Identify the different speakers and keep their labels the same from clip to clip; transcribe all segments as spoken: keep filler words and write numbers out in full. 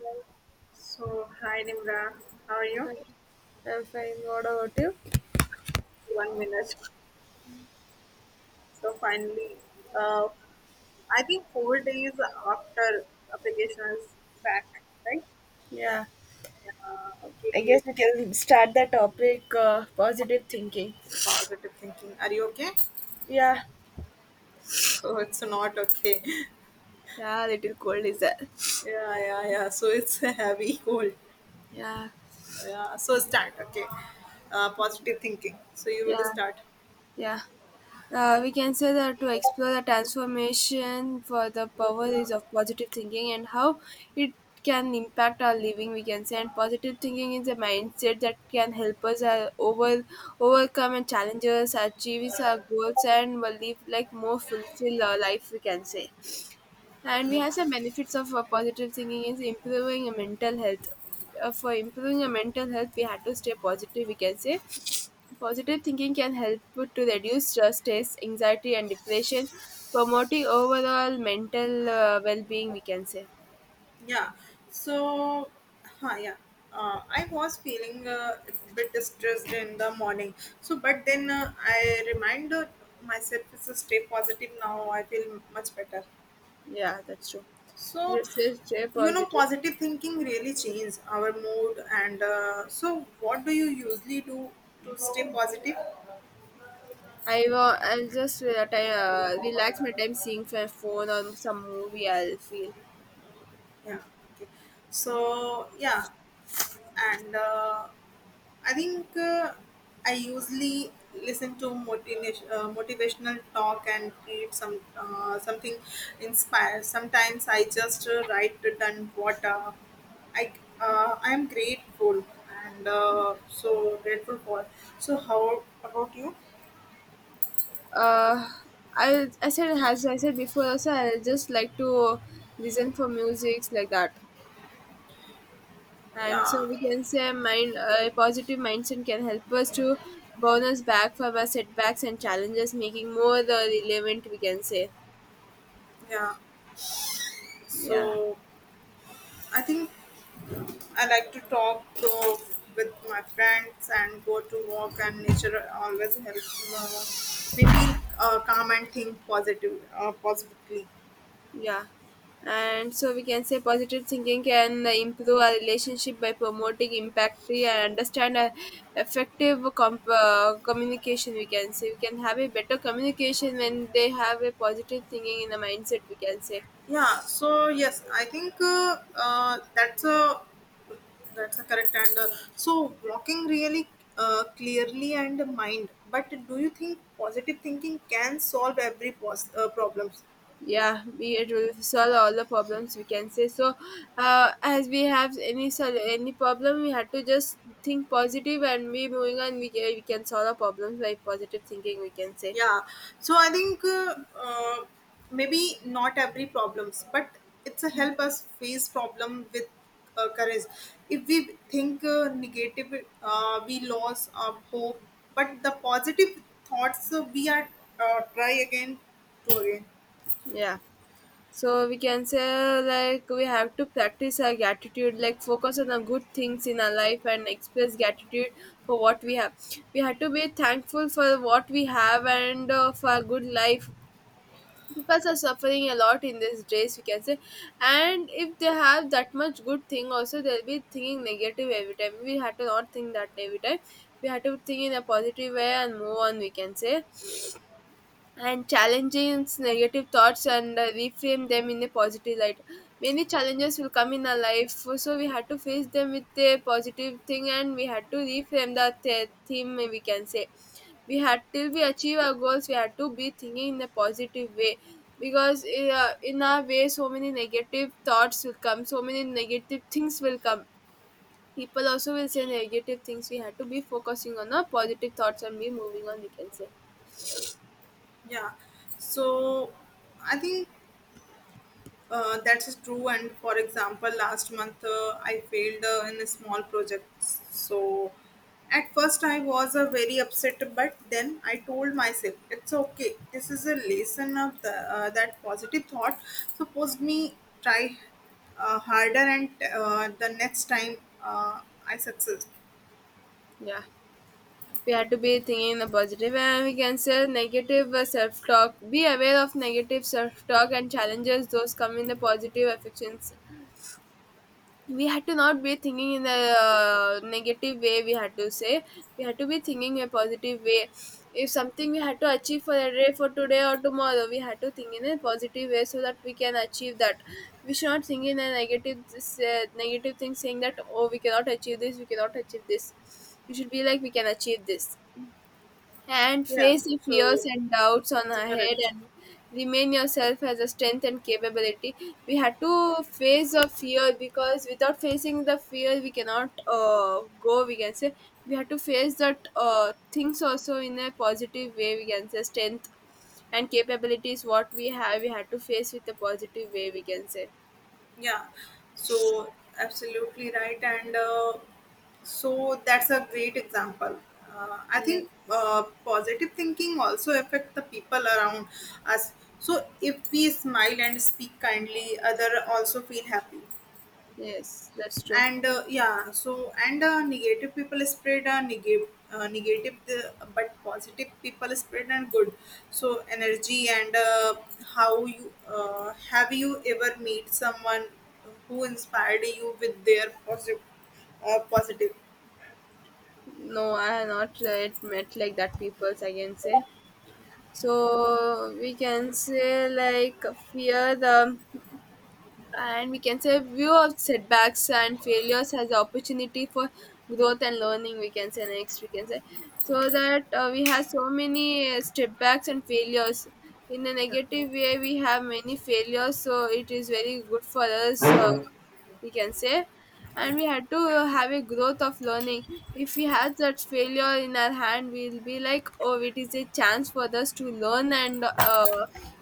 Speaker 1: Hi.
Speaker 2: So, hi Nimra, how are you?
Speaker 1: I'm fine. What about you?
Speaker 2: One minute. So, finally, uh, I think four days after application is back, right?
Speaker 1: Yeah,
Speaker 2: Uh,
Speaker 1: I
Speaker 2: okay,
Speaker 1: guess we can start the topic uh, positive thinking.
Speaker 2: positive thinking. Are you okay?
Speaker 1: Yeah,
Speaker 2: So, it's not okay.
Speaker 1: yeah, little cold is that.
Speaker 2: Yeah, yeah, yeah. So, it's a heavy cold.
Speaker 1: Yeah,
Speaker 2: Yeah, so start, okay. Uh, positive thinking. So, you will
Speaker 1: yeah,
Speaker 2: start.
Speaker 1: yeah. Uh, we can say that to explore the transformation for the power is of positive thinking and how it can impact our living we can say, and positive thinking is a mindset that can help us uh, over overcome and challenges achieve our goals and will live like more fulfill our life we can say, and we have some benefits of uh, positive thinking is improving our mental health. Uh, for improving our mental health we had to stay positive we can say. Positive thinking can help to reduce stress, stress, anxiety, and depression, promoting overall mental uh, well being, we can say.
Speaker 2: Yeah. So, huh, yeah. Uh, I was feeling uh, a bit distressed in the morning. So, but then uh, I reminded myself to stay positive. Now I feel much better.
Speaker 1: Yeah, that's true.
Speaker 2: So,
Speaker 1: Just stay
Speaker 2: you know,
Speaker 1: positive.
Speaker 2: positive thinking really changes our mood. And uh, so, what do you usually do to stay positive?
Speaker 1: I will, I'll just uh, ti- uh, relax my time seeing my phone or some movie, I'll feel.
Speaker 2: Yeah. Okay. So, yeah. And uh, I think uh, I usually listen to motivation, uh, motivational talk and read some uh, something inspired. Sometimes I just uh, write it down what uh, I uh, I am grateful and uh, so grateful for. So how about you?
Speaker 1: Uh, I, I said, as I said before, also, I'll just like to listen for music like that. And so
Speaker 2: Yeah,
Speaker 1: we can say mind a positive mindset can help us to bounce back from our setbacks and challenges making more the relevant we can say.
Speaker 2: yeah.
Speaker 1: Yeah,
Speaker 2: So I think I like to talk to with my friends and go to walk, and nature always helps uh, me feel uh, calm and think positive, uh, positively.
Speaker 1: yeah, and so we can say positive thinking can improve our relationship by promoting impact and understand a effective comp- uh, communication we can say, we can have a better communication when they have a positive thinking in the mindset we can say.
Speaker 2: Yeah. So yes, I think uh, uh, that's a that's a correct and uh, so walking really uh, clearly and the mind. But do you think positive thinking can solve every pos- uh, problems?
Speaker 1: Yeah, we it will solve all the problems we can say. So uh, as we have any sol- any problem we had to just think positive and be moving on we can, we can solve the problems by positive thinking we can say.
Speaker 2: Yeah, so I think uh, uh, maybe not every problems but it's a help us face problem with uh, courage. If we think uh, negative uh, we lose our hope, but the positive thoughts uh, we are uh, try again to again.
Speaker 1: Yeah, so we can say like we have to practice our gratitude like focus on the good things in our life and express gratitude for what we have, we had to be thankful for what we have, and uh, for our good life people are suffering a lot in these days we can say, and if they have that much good thing also they'll be thinking negative every time, we have to not think that every time, we have to think in a positive way and move on we can say, and challenging negative thoughts and uh, reframe them in a positive light. Many challenges will come in our life, so we had to face them with a positive thing and we had to reframe the the- theme, we can say. We had till we achieve our goals, we had to be thinking in a positive way because uh, in our way, so many negative thoughts will come, so many negative things will come. People also will say negative things. We had to be focusing on our positive thoughts and be moving on, we can say.
Speaker 2: Yeah, so I think Uh, that's true. And for example, last month uh, I failed uh, in a small project. So at first I was uh, very upset, but then I told myself it's okay. This is a lesson of the, uh, that positive thought. Suppose me try uh, harder, and uh, the next time uh, I success.
Speaker 1: Yeah. We have to be thinking in the positive and we can say negative uh, self-talk, be aware of negative self-talk and challenges those come in the positive affections, we had to not be thinking in the uh, negative way we had to say, we had to be thinking a positive way. If something we had to achieve for a day, for today or tomorrow, we had to think in a positive way so that we can achieve that. We should not think in a negative this, uh, negative thing saying that oh we cannot achieve this, we cannot achieve this, we should be like we can achieve this and
Speaker 2: Yeah.
Speaker 1: face the fears
Speaker 2: So
Speaker 1: and doubts on
Speaker 2: it's a
Speaker 1: our head
Speaker 2: correct.
Speaker 1: and remain yourself as a strength and capability. We had to face the fear, because without facing the fear we cannot uh, go we can say. We had to face that uh, things also in a positive way we can say, strength and capability is what we have, we had to face with a positive way we can say.
Speaker 2: Yeah. So absolutely right. And uh, So that's a great example. Uh, I think
Speaker 1: Yes,
Speaker 2: uh, positive thinking also affect the people around us. So if we smile and speak kindly, other also feel happy.
Speaker 1: yes, that's true.
Speaker 2: And uh, yeah, so and uh, negative people spread a negative, uh, negative the, but positive people spread and good. So energy and uh, how you uh, have you ever meet someone who inspired you with their positive, uh, positive?
Speaker 1: No, I have not uh, yet met like that peoples I can say. So we can say like fear the and we can say view of setbacks and failures as opportunity for growth and learning. We can say next we can say. So that uh, we have so many uh, setbacks and failures. In a negative way, we have many failures, so it is very good for us. Uh, we can say and
Speaker 2: Yeah.
Speaker 1: we had to have a growth of learning. If we had that failure in our hand we'll be like oh it is a chance for us to learn, and uh,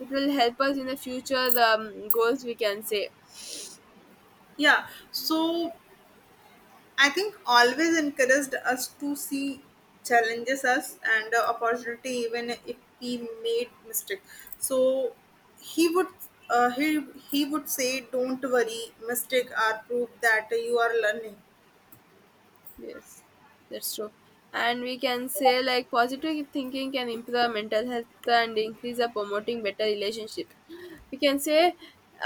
Speaker 1: it will help us in the future um, goals we can say.
Speaker 2: Yeah, so I think always encouraged us to see challenges us and uh, opportunity even if we made mistake. So he would uh, he he would say, "Don't worry, mistake are proof that you are learning."
Speaker 1: Yes, that's true. And we can say like positive thinking can improve mental health and increase the promoting better relationship. We can say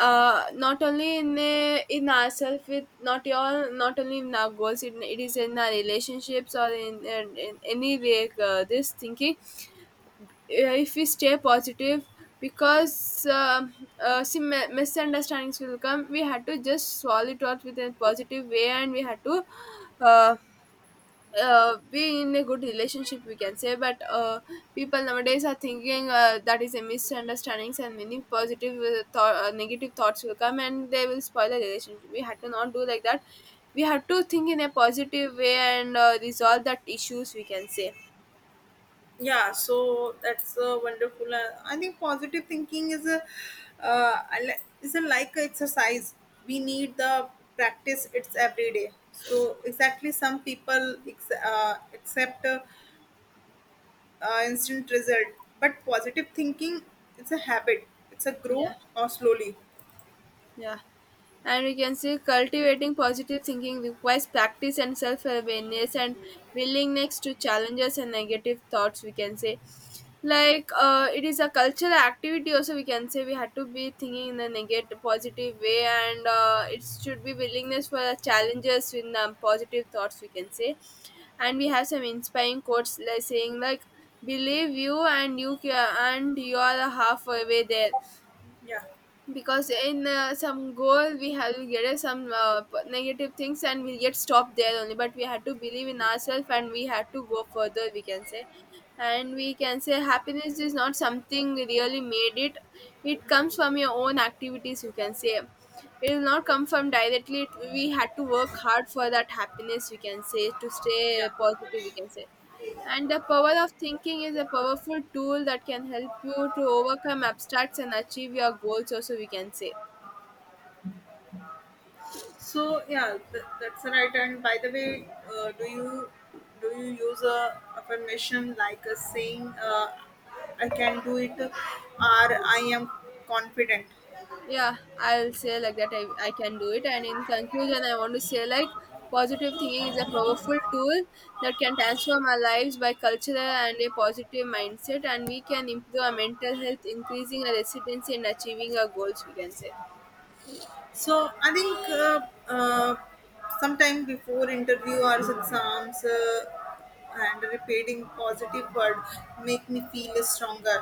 Speaker 1: uh not only in a, in ourselves, with not your not only in our goals, it it is in our relationships or in, in, in any way, uh, this thinking, uh, if we stay positive, because um uh, some mi- misunderstandings will come we had to just swallow it out with a positive way and we had to uh, uh, be in a good relationship we can say, but uh, people nowadays are thinking uh, that is a misunderstandings and many positive uh, thought uh, negative thoughts will come and they will spoil the relationship, we had to not do like that, we have to think in a positive way and uh, resolve that issues we can say.
Speaker 2: Yeah, so that's uh, wonderful. Uh, I think positive thinking is a uh, I li- is a like a exercise. We need the practice. It's every day. So exactly, some people ex- uh, accept. Uh, uh, instant result. But positive thinking, it's a habit. It's a
Speaker 1: Yeah,
Speaker 2: grow or slowly.
Speaker 1: yeah. And we can see cultivating positive thinking requires practice and self awareness and willingness to challenges and negative thoughts, we can say. Like uh, it is a cultural activity, also, we can say, we had to be thinking in a negative, positive way, and uh, it should be willingness for the challenges in um, positive thoughts, we can say. And we have some inspiring quotes like saying, like, believe you and you ca- and you are a halfway there,
Speaker 2: Yeah,
Speaker 1: because in uh, some goal we have we get some uh, p- negative things and we get stopped there only, but we had to believe in ourselves and we had to go further we can say. And we can say happiness is not something really made it, it comes from your own activities you can say, it will not come from directly it, we had to work hard for that happiness we can say to stay
Speaker 2: yeah.
Speaker 1: positive we can say. And the power of thinking is a powerful tool that can help you to overcome obstacles and achieve your goals, also, we can say.
Speaker 2: So yeah, th- that's right. And by the way, uh, do you do you use a affirmation like a saying, uh, "I can do it," or "I am confident"?
Speaker 1: Yeah, I'll say like that I, I can do it. And in conclusion, I want to say like positive thinking is a powerful tool that can transform our lives by cultural and a positive mindset. And we can improve our mental health, increasing our resilience and achieving our goals, we can say.
Speaker 2: So I think uh, uh, sometime before interview or exams uh, and repeating positive word make me feel stronger.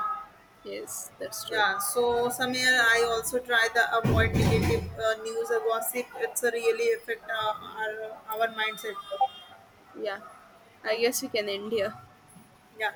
Speaker 1: Yes, that's true.
Speaker 2: Yeah, so Samir, I also try the avoid negative uh, news or gossip. It's a really affect uh, our our mindset.
Speaker 1: Yeah, I guess we can end here.
Speaker 2: Yeah.